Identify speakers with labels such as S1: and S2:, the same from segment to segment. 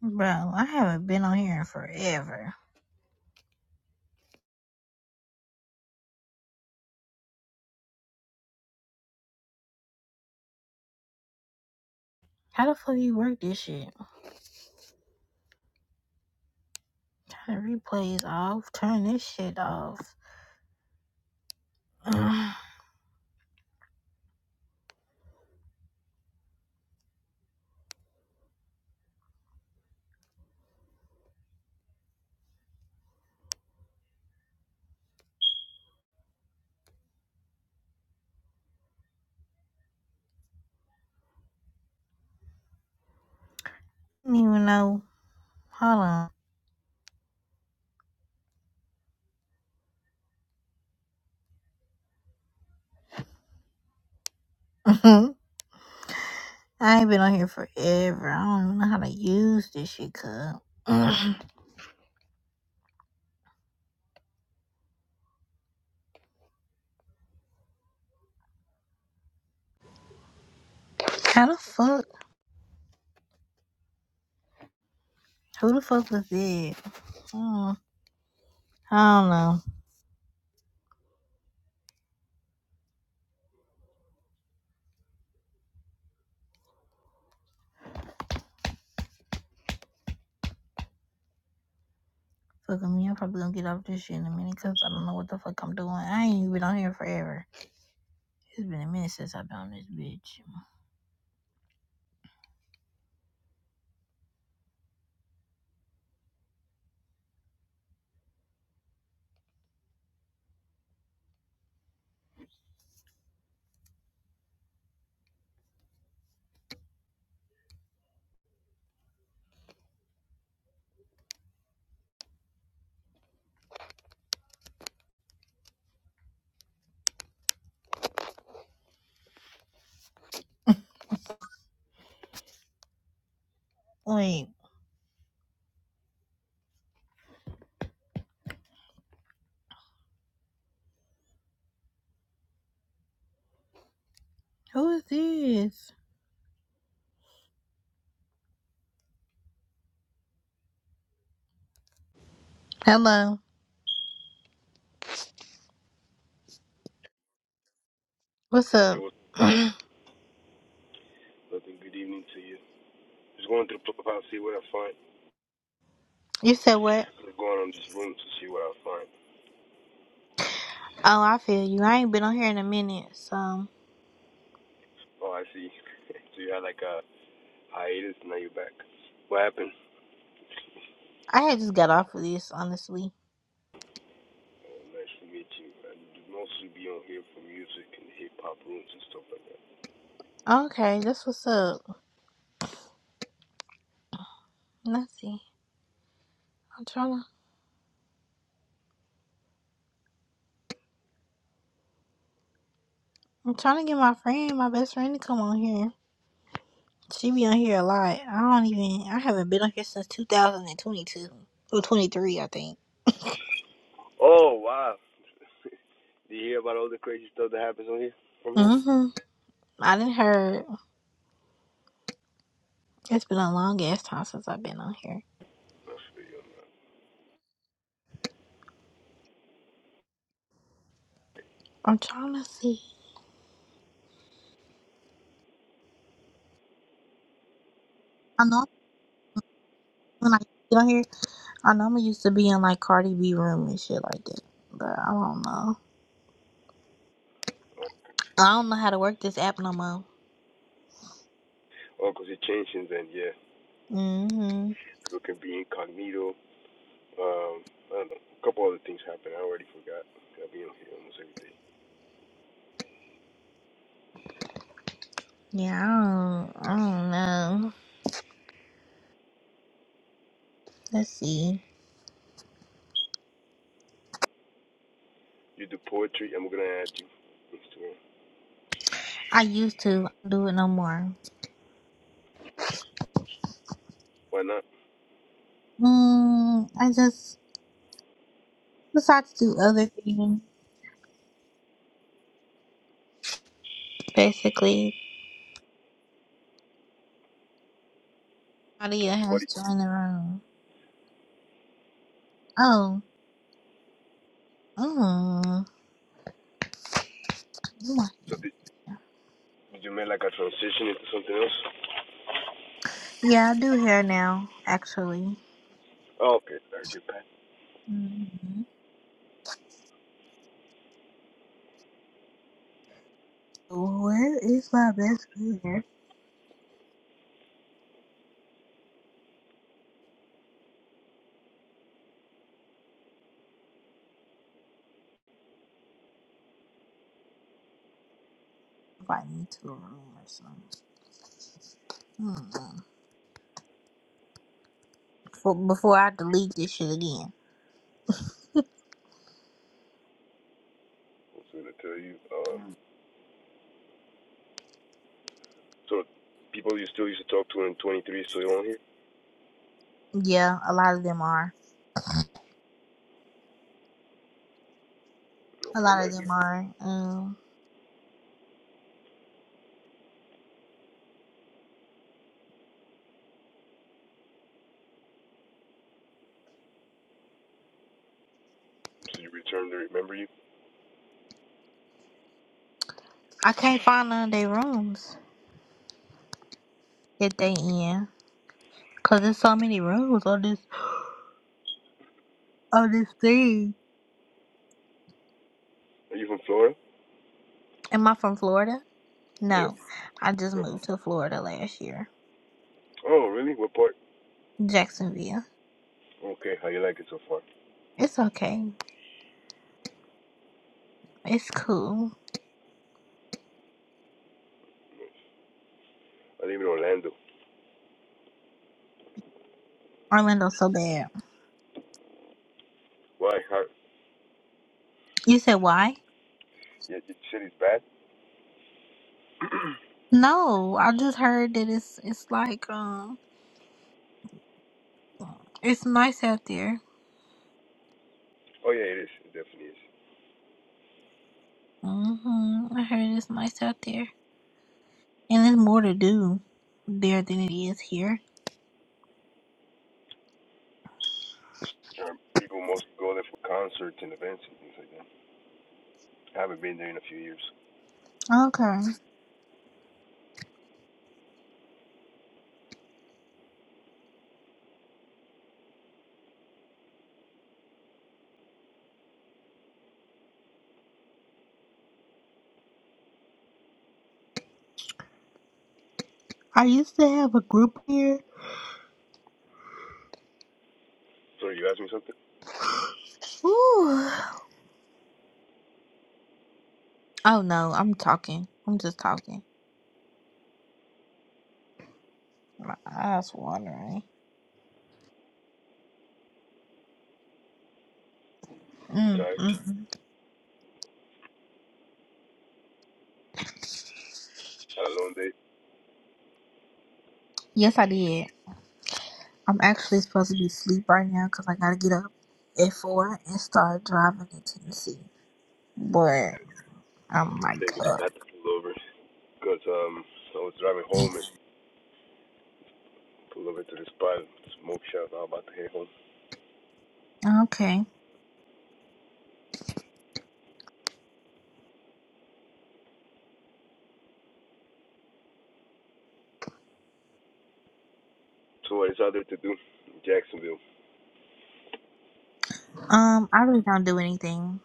S1: Bro, I haven't been on here in forever. How the fuck do you work this shit? How the replays off? Turn this shit off. I don't even know. Hold on. I ain't been on here forever. I don't even know how to use this shit, cuz. how the fuck? Who the fuck was it? Mm, I don't know. Fuck me, I'm probably gonna get off this shit in a minute because I don't know what the fuck I'm doing. I ain't even been on here forever. It's been a minute since I've been on this bitch. Wait, who is this? Hello. What's
S2: Hey,
S1: up?
S2: what's up, guys?
S1: you
S2: Nothing. Good evening to you. Just going through the Clubhouse to see what I find.
S1: said what?
S2: I'm just going on this room to see what I find.
S1: Oh, I feel you. I ain't been on here in a minute, so
S2: Oh, I see. so you had like a hiatus, and now you're back. What happened?
S1: I had just got off of this, honestly.
S2: Oh, nice to meet you. I mostly be on here for music and hip hop rooms and stuff like that.
S1: Okay, that's what's up. Let's see. I'm trying to I'm trying to get my friend, my best friend to come on here. She be on here a lot. I don't even I haven't been on here since two thousand and twenty two. Or twenty three, I think.
S2: Oh wow! Do you hear about all the crazy stuff that happens on here from her?
S1: Mm-hmm. I didn't heard it's been a long ass time since I've been on here.
S2: Not sure you on that.
S1: I'm trying to see. I know when I get on here. I know I'm used to being like Cardi B room and shit like that, but I don't know. I don't know how to work this app no more.
S2: Oh, because it changed since then. Yeah,
S1: Mhm.
S2: people can be incognito. Um, I don't know. A couple other things happened. I already forgot. I'll be on here almost every day.
S1: Yeah, I don't, I don't know. Let's see.
S2: You do poetry. I'm gonna add you.
S1: I used to do it no more.
S2: Why not?
S1: Mm, I just decided to do other things. Basically, Claudia
S2: So what?
S1: has joined the room. Oh. Mm. You want-
S2: So did, did you make like a transition into something else?
S1: Yeah, I do hair now, actually.
S2: Oh, okay. There's your pen.
S1: hmm Where is my best friend? Invite me to a room or something. Mm-mm. For, before I delete this shit again.
S2: I was gonna tell you. Um. So people you still used to talk to in 23 is still on here?
S1: Yeah, a lot of them are. A
S2: Okay.
S1: lot of
S2: Nice.
S1: them are. Um,
S2: So you returned. to remember you?
S1: I can't find none of their rooms that they in, cause there's so many rooms on this on this thing.
S2: Are you from Florida?
S1: Am I from Florida?
S2: Yeah.
S1: No, I just moved to Florida last year,
S2: Oh, really? What part?
S1: Jacksonville.
S2: Okay. How you like it so far?
S1: It's okay. It's cool.
S2: I live in Orlando.
S1: Orlando's so bad.
S2: Why? How?
S1: You said why?
S2: Yeah, you said it's bad.
S1: No, I just heard that it's it's like um it's nice out there.
S2: Oh yeah, it is. It definitely is.
S1: hmm I heard it's nice out there. And there's more to do there than it is here.
S2: Um, people mostly go there for concerts and events and things like that. I haven't been there in a few years.
S1: Okay. I used to have a group here.
S2: So you asked me something?
S1: Ooh. Oh no, I'm talking. I'm just talking. My eyes watering. Mm,
S2: Tired?
S1: mm, mm.
S2: Had a long day.
S1: Yes, I did. I'm actually supposed to be asleep right now because I gotta get up at four and start driving to Tennessee. But I'm like
S2: Maybe I
S1: up.
S2: had to pull over because um I was driving home and pulled over to this spot, smoke shop. I'm about to head home.
S1: Okay.
S2: So what is out there to do? in Jacksonville.
S1: Um, I really don't do anything.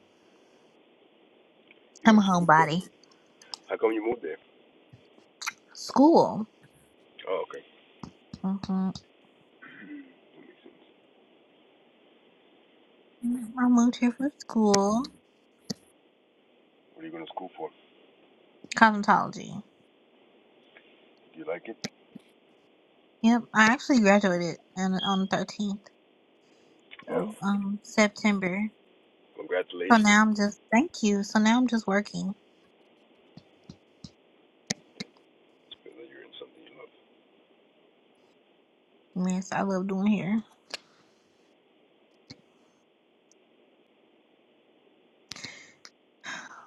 S2: You go
S1: I'm a
S2: to school? Or?
S1: homebody.
S2: How come you moved there?
S1: School.
S2: Oh, okay.
S1: Mhm. I moved here for school,
S2: What are you going to school for?
S1: cosmetology.
S2: Do you like it?
S1: Yep, I actually graduated on, on the thirteenth
S2: Oh,
S1: of um September. So
S2: congratulations.
S1: now I'm just thank you. So now I'm just working.
S2: It's good that you're in something you love.
S1: Yes, I love doing hair.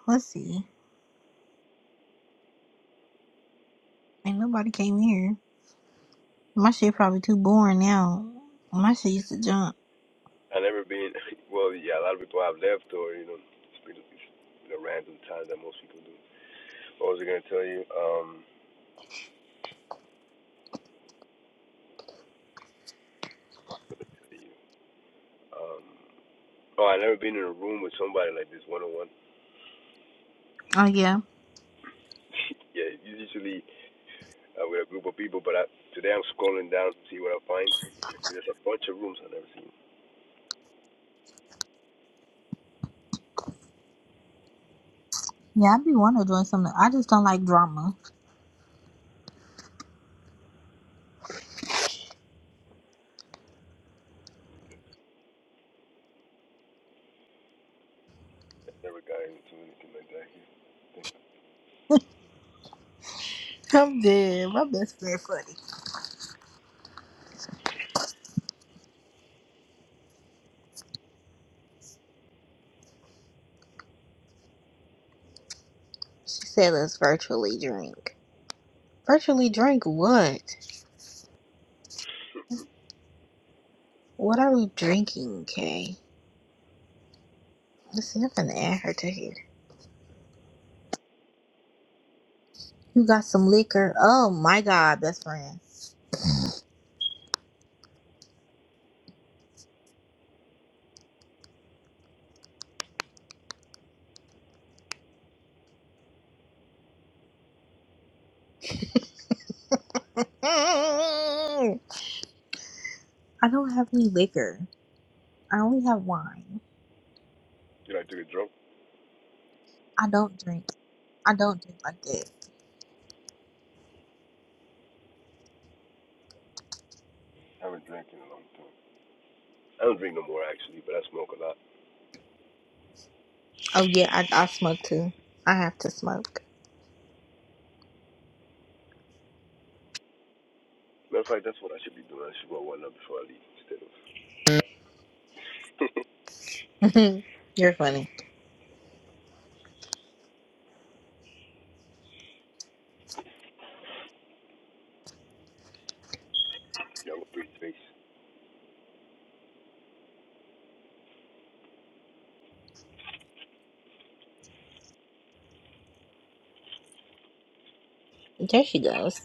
S1: Let's see, ain't nobody came here. My shit probably too boring now. My shit used to jump.
S2: I never been. Well, yeah, a lot of people have left or you know, it's been, it's been a random time that most people do. What was I going to tell you? Um, um, Oh, I never been in a room with somebody like this one on one.
S1: Oh yeah,
S2: Yeah, usually uh, with a group of people, but I, today I'm scrolling down to see what I find. There's a bunch of rooms I've never seen.
S1: yeah. I be wanting to join something. I just don't like drama.
S2: I never got into anything like that here.
S1: I'm dead. My best friend funny. She said, "Let's virtually drink." Virtually drink what? What are we drinking, Kay? Let's see, I'm gonna add her to here. You got some liquor. Oh my god, best friend. Mm. I don't have any liquor. I only have wine.
S2: You know, I took a drunk.
S1: I don't drink. I don't drink like that.
S2: I haven't drank in a long time. I don't drink no more actually, but I smoke a lot.
S1: Oh yeah, I, I smoke too. I have to smoke.
S2: Matter of fact, that's what I should be doing. I should roll one up before I leave instead of
S1: You're funny.
S2: young pretty face.
S1: There she goes.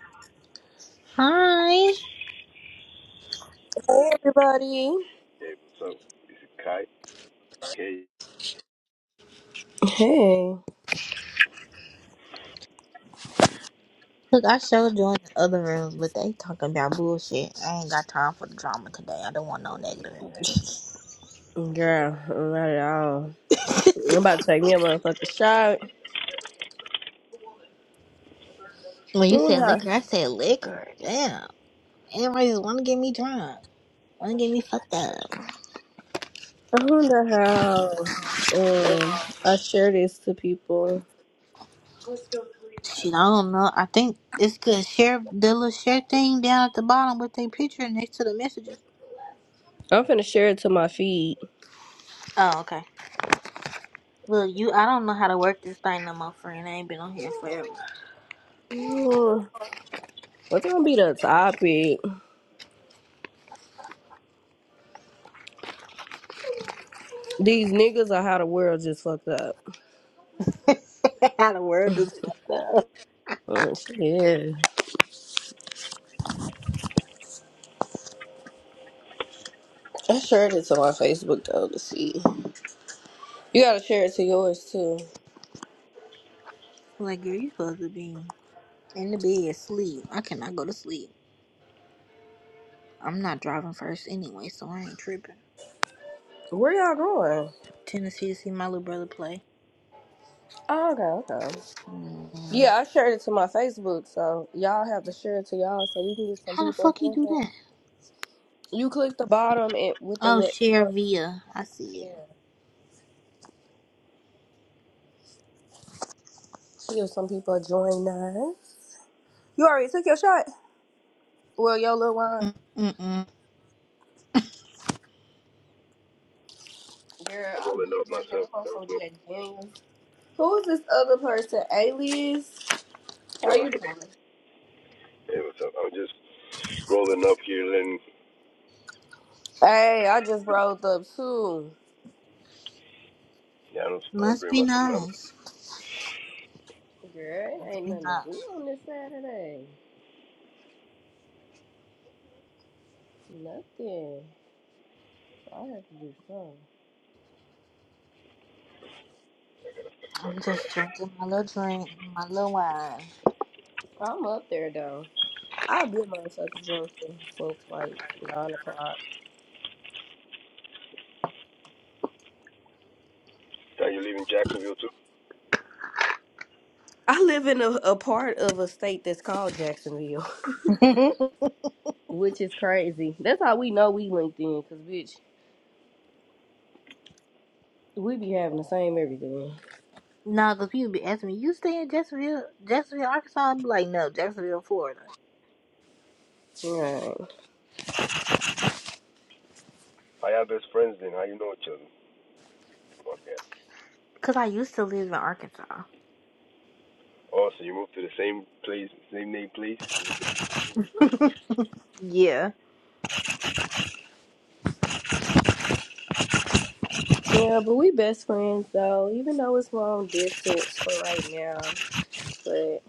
S1: Hi.
S3: Hey everybody.
S2: Hey, what's up? This is Kai. K.
S3: Hey,
S1: Look, I showed you in the other rooms, but they talking about bullshit. I ain't got time for the drama today. I don't want no negative energy.
S3: girl, not at all. I'm about to take me a motherfucking shot.
S1: when
S3: I
S1: you
S3: wonder
S1: said
S3: how.
S1: liquor, I said liquor. Damn. Everybody just want to get me drunk. Don't get me fucked up.
S3: I wonder how. Um, I share this to people.
S1: Shit, I don't know. I think it's good. Share the little share thing down at the bottom with their picture next to the messages.
S3: I'm finna share it to my feed.
S1: Oh, okay. Look, you, I don't know how to work this thing no more, friend. I ain't been on here forever.
S3: Mm, What's gonna be the topic? These niggas are how the world just fucked up.
S1: how the world is fucked up.
S3: Mm, Yeah, I shared it to my Facebook though to see. You gotta share it to yours too.
S1: Like, girl, you supposed to be in the bed, asleep. I cannot go to sleep. I'm not driving first anyway, so I ain't tripping.
S3: Where y'all going?
S1: Tennessee to see my little brother play.
S3: Oh, okay, okay.
S1: Mm.
S3: Yeah, I shared it to my Facebook, so y'all have to share it to y'all so we can get some
S1: How the
S3: people up
S1: fuck you
S3: in
S1: do
S3: here.
S1: that?
S3: You click the bottom and with the
S1: Oh,
S3: little
S1: share
S3: arrow,
S1: via. I see
S3: yeah. See if some people join us. You already took your shot. Well, yo, little wine.
S1: it. Mm-mm-mm.
S3: Girl,
S2: I'm
S3: I've
S2: rolling
S3: been
S2: up
S3: drinking.
S2: myself.
S3: I'm on
S2: I don't
S3: some
S2: smoke.
S3: Jack Daniels. Who is this other person? Alias. How
S2: Oh,
S3: you doing?
S2: hey, what's up? I'm just rolling up here, letting
S3: Hey, I just rolled up too.
S2: Yeah, I don't, I don't
S1: Must
S2: bring
S1: be
S2: my son, but I'm African.
S1: nice.
S3: Girl, it
S1: Must
S3: ain't
S1: be
S3: nothing to
S1: nice.
S3: do on this Saturday. Nothing. I have to do something.
S1: I'm just drinking my little drink, my little
S3: I'm up there though. I'll be a motherfucker drinking since like nine o'clock.
S2: And you live in Jacksonville too?
S3: I live in a, a part of a state that's called Jacksonville,
S1: wine.
S3: which is crazy. That's how we know we linked in, cause bitch, we be having the same everything.
S1: Nah, cause people be asking me, you stay in Jacksonville, Jacksonville, Arkansas? I'm like, no, Jacksonville, Florida.
S3: Right.
S2: How y'all best friends then? How you know each other? Fuck yeah.
S1: Cause I used to live in Arkansas.
S2: Oh, so you moved to the same place, same name place? You just-
S1: Yeah,
S3: Yeah, but we best friends though, even though it's long distance for right now. But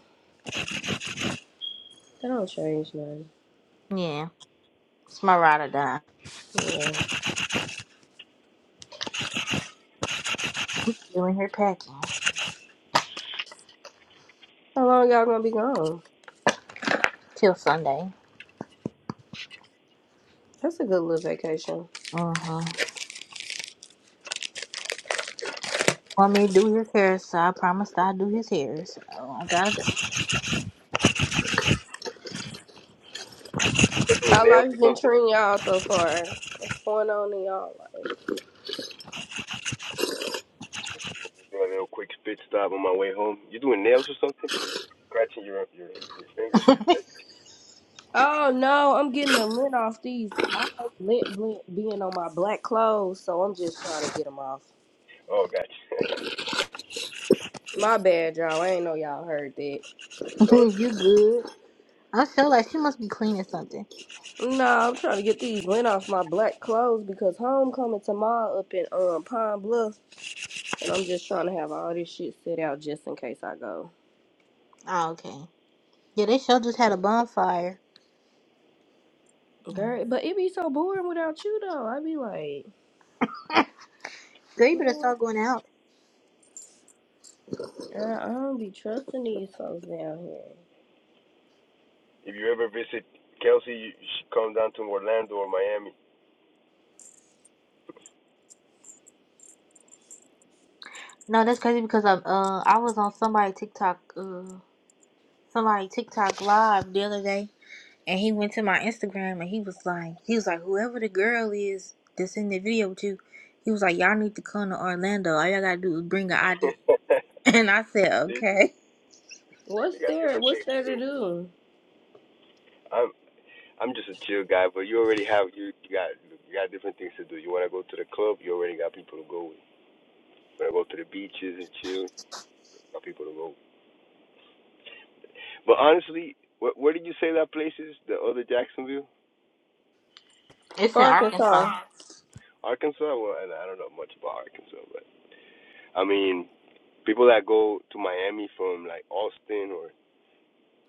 S3: that don't change nothing.
S1: yeah. It's my ride or die.
S3: Yeah.
S1: Doing here packing
S3: How long y'all gonna be gone?
S1: till Sunday.
S3: That's a good little vacation.
S1: Mm-hmm. Want me to do his hair, so I promised I'd do his hair. So I gotta go.
S2: You're doing
S3: How
S2: nails
S3: life's
S2: or
S3: been
S2: something?
S3: treating y'all so far? What's going on in y'all life?
S2: Doing a little quick spit stop on my way home. You doing nails or something? Scratching your your, your fingers?
S3: Oh no, I'm getting the lint off these. I hate lint blint being on my black clothes, so I'm just trying to get them off.
S2: Oh, gotcha.
S3: My bad, y'all. I ain't know y'all heard that.
S2: no,
S1: you
S2: it's-
S1: good? I feel like she must be cleaning something.
S3: No, I'm trying to get these lint off my black clothes because homecoming tomorrow up in um Pine Bluff, and I'm just trying to have all this shit set out just in case I go.
S1: Oh, okay. Yeah, they show just had a bonfire. Mm.
S3: Girl, but it be so boring without you though. I be like,
S1: Girl, you better
S3: mm,
S1: start going out.
S3: I I don't be trusting these folks down here.
S2: if you ever visit Kelsey, you you should come down to Orlando or Miami.
S1: No, that's crazy because I uh I was on somebody TikTok uh somebody TikTok live the other day and he went to my Instagram and he was like he was like whoever the girl is that's in the video with you he was like y'all need to come to Orlando all y'all gotta do is bring an ID and I said
S2: See?
S1: okay
S2: You
S3: What's
S2: got
S3: there?
S2: different
S3: What's
S2: things.
S3: there to do?
S2: I'm I'm just a chill guy, but you already have you you got you got different things to do. You want to go to the club, you already got people to go with. You want to go to the beaches and chill, you got people to go. With. But honestly, where, where did you say that place is? The other Jacksonville,
S1: it's in Arkansas
S3: Arkansas.
S2: Arkansas. Well, and I don't know much about Arkansas, but I mean, people that go to Miami from like Austin or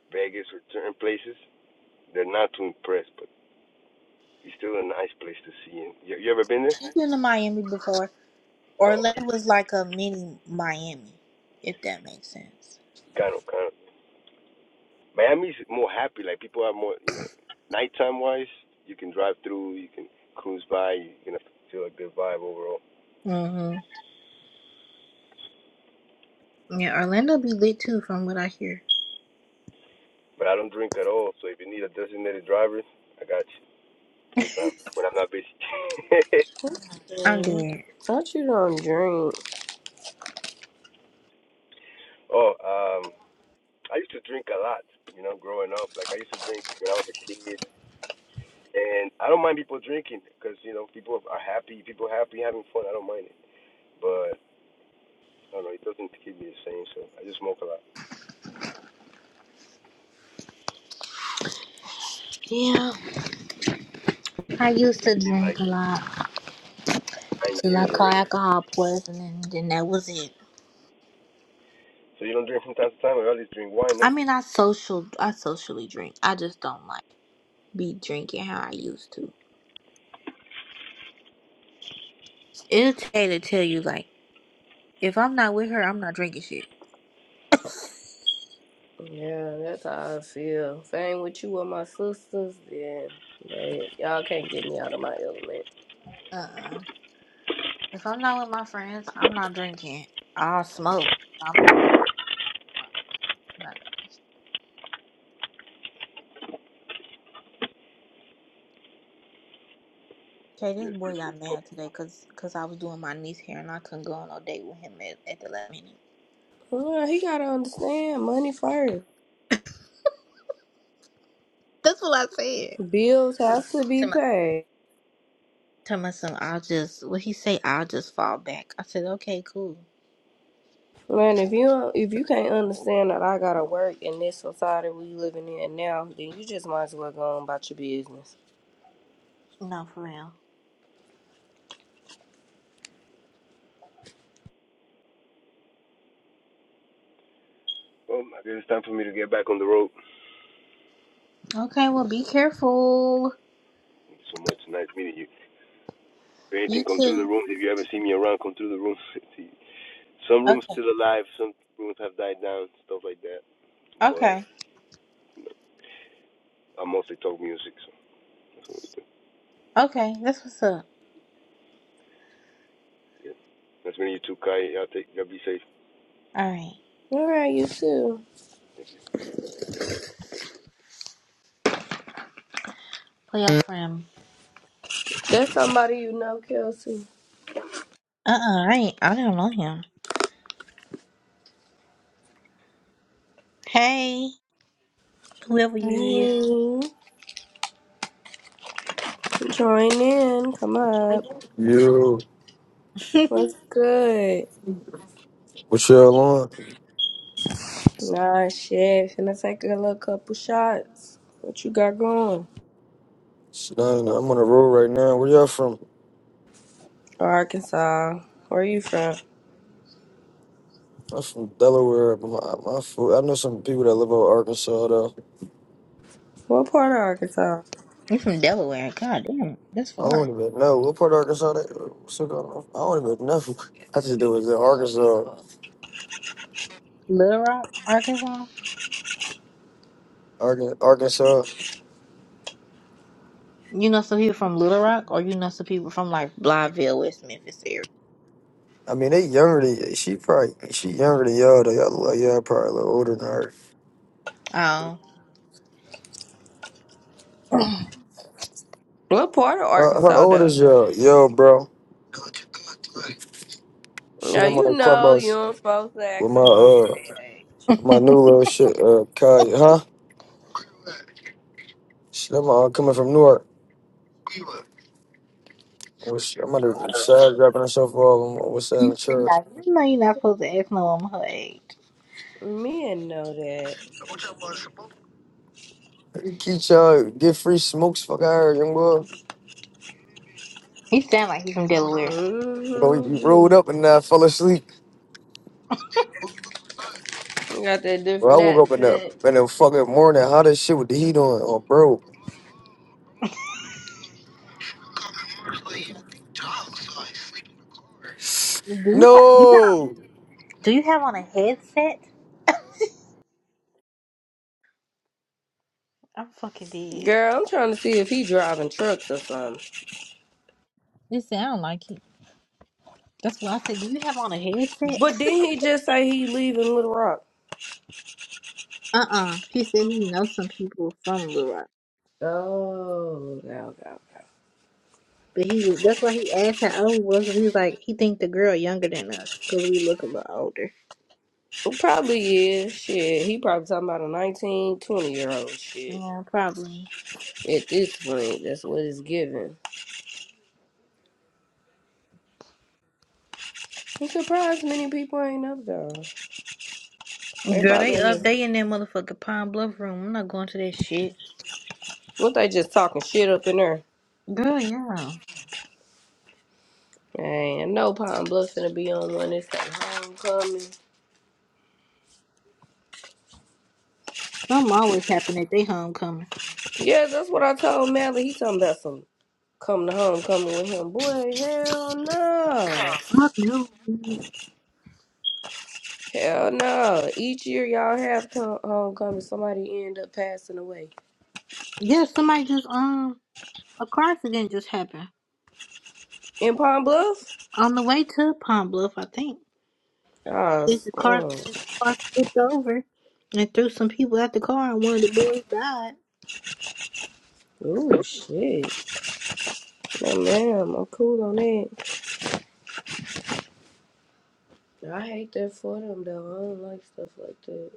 S2: Vegas or certain places, they're not too impressed, but it's still a nice place to see. you, you ever been there?
S1: she's been to Miami before
S2: Oh, okay.
S1: Orlando was like a mini Miami if that makes sense.
S2: Kind of, kind of. Miami's more happy. Like people have more, you know, nighttime wise, you can drive through, you can cruise by, you can feel a good vibe overall.
S1: Yeah, Orlando be lit too, from what I hear.
S2: But I don't drink at all, so if you need a designated driver, I got you. Sometime when I'm not busy.
S1: I'm
S3: Mm.
S1: dead.
S3: Thought you don't drink.
S2: oh, um, I used to drink a lot, you know, growing up. Like I used to drink when I was a kid, and I don't mind people drinking because you know people are happy, people are happy having fun. I don't mind it, but I don't know, it doesn't keep me the same. So I just smoke a lot.
S1: Yeah. I used to
S2: It's been like
S1: drink a lot
S2: nine
S1: till I
S2: years already.
S1: caught alcohol poisoning, and then that was it.
S2: So you don't drink from time to time? I always drink wine,
S1: I
S2: huh?
S1: mean, I social, I socially drink. I just don't like be drinking how I used to. It'll tell to tell you like, if I'm not with her, I'm not drinking shit.
S3: Yeah, that's how I feel. If I ain't with you or my sisters, then they, y'all can't get me out of my element.
S1: Uh, uh if I'm not with my friends, I'm not drinking. I'll smoke. I'm not. not Okay, this
S2: Yes,
S1: boy
S2: Christian.
S1: got mad today because cause I was doing my niece hair and I couldn't go on no date with him at, at the last minute.
S3: Well, he gotta understand money first.
S1: That's what I said.
S3: Bills have to be
S1: Tell myself,
S3: paid.
S1: tell my son. I'll just, what he say, I'll just fall back. I said, okay, cool.
S3: Man, if you don't- if you can't understand that I gotta work in this society we living in now, then you just might as well go on about your business.
S1: No, for real.
S2: Well, I guess it's time for me to get back on the road.
S1: Okay, well, be careful.
S2: Thank you so much. Nice meeting you. If
S1: You
S2: anything, come through the
S1: too.
S2: room. If you ever see me around, come through the room. see, some rooms
S1: Okay.
S2: still alive. Some rooms have died down. Stuff like that. But
S1: Okay.
S2: I mostly talk music, so that's what we do.
S1: Okay. That's what's up.
S2: Yeah. Nice meeting you too, Kai. Y'all take. Y'all be safe.
S1: All right.
S3: All right, you too.
S2: Thank you.
S1: Play up for him.
S3: That's somebody you know, Kelsey.
S1: Uh-uh, I ain't, I don't know him. Hey, whoever you is.
S3: Hey, join in. Come up.
S4: Yo,
S3: What's
S1: you
S3: good?
S4: what y'all on?
S3: Nah, shit. Finna take a little couple shots. What you got going?
S4: Shit, I ain't- I'm on the road right now. Where y'all from?
S3: Arkansas. Where you from?
S4: I'm from Delaware, but my, my food, I know some people that live over Arkansas though.
S3: What part of Arkansas?
S1: from Delaware. God damn, that's
S4: I don't
S1: far.
S4: even know what part of Arkansas they so I don't even know. I just do it in Arkansas,
S1: Little Rock, Arkansas?
S4: Arkan- Arkansas.
S1: You know some people from Little Rock, or you know some people from like Blytheville, West Memphis
S4: I mean, they younger than y- she probably she younger than y'all though. Y'all look like y'all probably a little older than her.
S1: area? Oh.
S3: What part of
S4: Uh, how
S3: Arkansas,
S4: old is
S3: though?
S4: y'all? Yo, bro. Shit,
S3: Now,
S4: I'm on
S3: you
S4: the
S3: know
S4: clubhouse
S3: you ain't supposed to
S4: with
S3: ask a
S4: my
S3: woman
S4: uh
S3: that age.
S4: my new little shit uh Kai, huh? Shit, I'm uh, coming from Newark. What's, I'm at the side grabbing myself up. I'm what's
S1: You
S4: having
S1: say
S4: church.
S1: like you know you're not supposed to ask no woman her age.
S3: Men know that.
S4: Keep y'all get free smokes, fuck out young boy.
S1: You sound like you from Delaware.
S4: You know, we, we
S3: Mm-hmm.
S4: rolled up and I fell asleep.
S3: Got that
S4: Bro, I
S3: different
S4: woke up in the
S3: accent.
S4: in the fucking morning, hot as shit with the heat on. Oh, bro,
S1: Do you have, you know,
S4: no.
S1: do you have on a headset? I'm fucking dead.
S3: Girl, I'm trying to see if he driving trucks or something.
S1: It sound like it. That's why I said, do you have on a headset?
S3: But then he just say he leaving Little Rock.
S1: uh-uh. He said he knows some people from Little Rock.
S3: Oh, okay, okay, okay.
S1: But he was, that's why he asked how old we were, because he was like, he think the girl younger than us, because we look a little older.
S3: Well, Probably is. Shit, he probably talking about a 19, 20 year old shit.
S1: Yeah, probably.
S3: At this point, that's what it's giving. I'm surprised many people ain't up though. They
S1: Girl,
S3: probably
S1: they
S3: in
S1: up,
S3: the-
S1: they in that motherfucking Pine Bluff room. I'm not going to that shit.
S3: what they just talking shit up in there.
S1: Girl, yeah.
S3: Man, no know Pine Bluff gonna be on one. It's like homecoming.
S1: Something always happen at they homecoming.
S3: Yeah, that's what I told Mally. He talking about some coming to homecoming with him. Boy, hell no.
S1: Fuck no.
S3: Hell no. Each year y'all have come homecoming, somebody end up passing away.
S1: Yes, somebody just um a car accident just happened
S3: In Pine Bluff?
S1: on the way to Palm Bluff, I think. Is the car
S3: Oh,
S1: is the car flipped over and threw some people at the car, and one of the boys died.
S3: Oh shit. Nah, ma'am, I'm cool on that. I hate that for them though. I don't like stuff like that.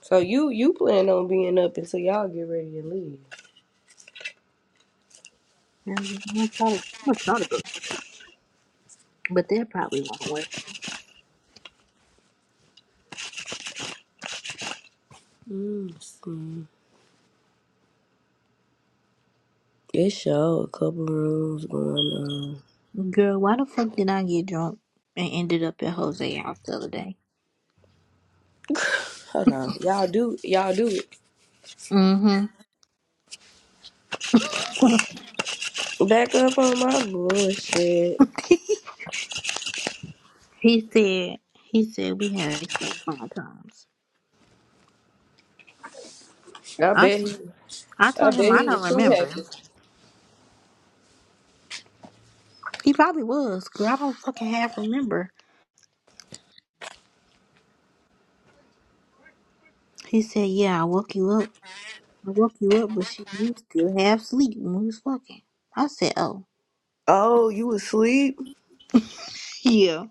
S3: So you you plan on being up until y'all get ready to leave?
S1: And I'm gonna try to, I'm gonna try to go, but that probably won't work.
S3: Mm, see. It's show a couple rooms going on.
S1: Girl, why the fuck did I get drunk and ended up at Jose's house the other day?
S3: Hold on, y'all do y'all do it.
S1: Mm-hmm.
S3: Back up on my bullshit.
S1: he said he said we had sex like five times.
S3: I
S1: I
S3: bet
S1: t-
S3: he
S1: I
S3: I
S1: told him
S3: bet
S1: I
S3: he
S1: don't
S3: was too
S1: remember.
S3: happy.
S1: He probably was. cause I don't fucking half remember. He said, "Yeah, I woke you up. I woke you up, but she you was still half asleep when we was fucking." I said, "Oh,
S3: Oh, you asleep?
S1: yeah."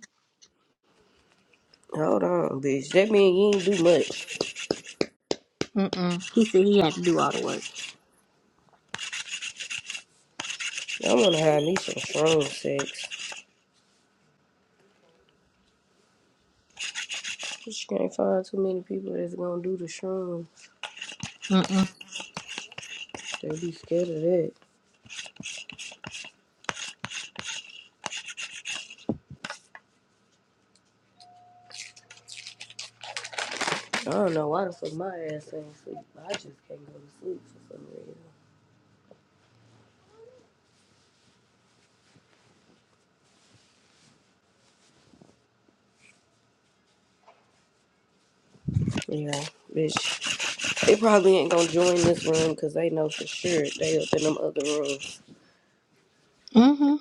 S3: Hold on, bitch. That mean you ain't do much.
S1: Mm-mm. He said he had to do all the work.
S3: I wanna have me some strong sex. Just can't find too many people that's gonna do the shroom.
S1: Mm-mm.
S3: They be scared of that. I don't know why the fuck my ass ain't sleep. I just can't go to sleep for some reason. Yeah, bitch. They probably ain't gonna join this room because they know for sure they up in them other rooms.
S1: Mm-hmm.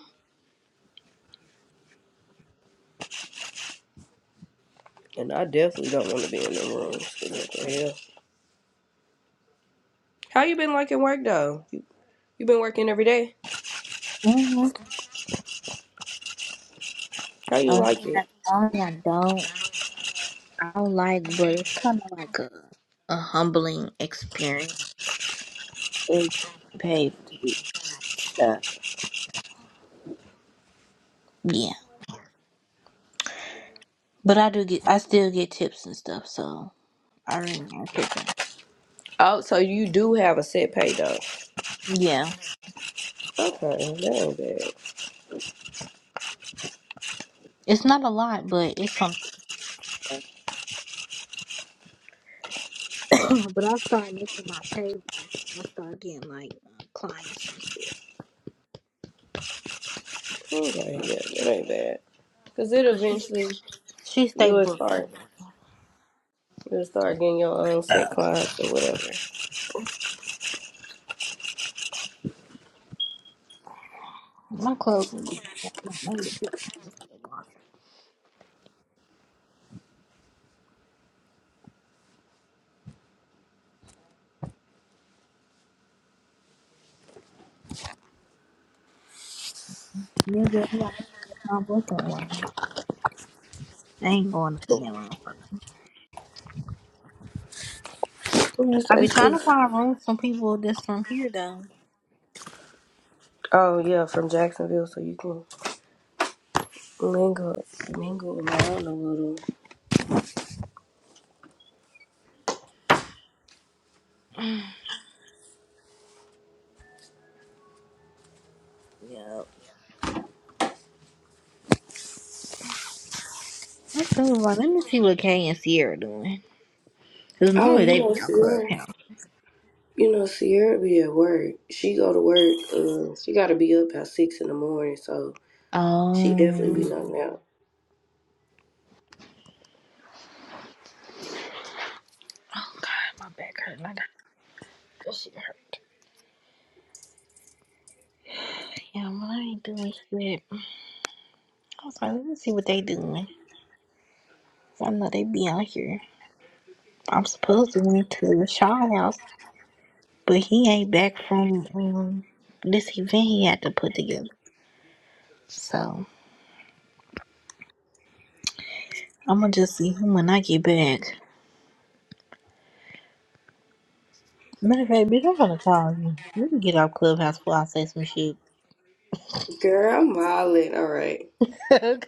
S3: And I definitely don't want to be in them rooms. 'cause what the hell? How you been liking work though? You, you been working every day?
S1: Mm-hmm.
S3: How you
S1: Uh,
S3: like
S1: he
S3: it?
S1: had all that I don't. I don't like, but it's kind of like a a humbling experience. They pay for the stuff. Yeah, but I do get. I still get tips and stuff, so I really am tripping.
S3: Oh, so you do have a set pay though.
S1: Yeah,
S3: Okay, that ain't bad.
S1: it's not a lot, but it's something. but I started making my pay list. I started getting like uh, clients and shit.
S3: Okay, yeah, that ain't bad. Cause it
S1: Cause she
S3: eventually.
S1: she
S3: You
S1: stay
S3: would
S1: booked. in
S3: start you would start getting your own set
S1: Uh,
S3: clients or whatever.
S1: my clothes would be maybe the fifteen for the wash. Nigga, you got my booking line. I ain't going up in that motherfucker.
S3: I'm just
S1: I be trying to
S3: exclusive.
S1: find room from people that's from here though.
S3: Oh yeah, from Jacksonville, so you can mingle mingle around a little.
S1: yep. I'm sure like, let me see what Kay and Sierra doing. Cause
S3: Oh,
S1: normally
S3: you
S1: they
S3: know
S1: be on
S3: Sierra.
S1: Clubhouse.
S3: You know Sierra be at work. She go to work. Uh, she got to be up at six in the morning, so she
S1: Oh.
S3: definitely be Mm. knocked out.
S1: Oh god, my back hurt. I got this shit hurt. Yeah, mine ain't doing shit. I was like, let me see what they doing. 'Cause I know they be out here. I'm supposed to went to Rashawn's house, but he ain't back from um this event he had to put together. So I'm gonna just see him when I get back. Matter of fact, bitch, I'm gonna call you. We can get off Clubhouse before I say some shit.
S3: Girl, I'm hollering. All right.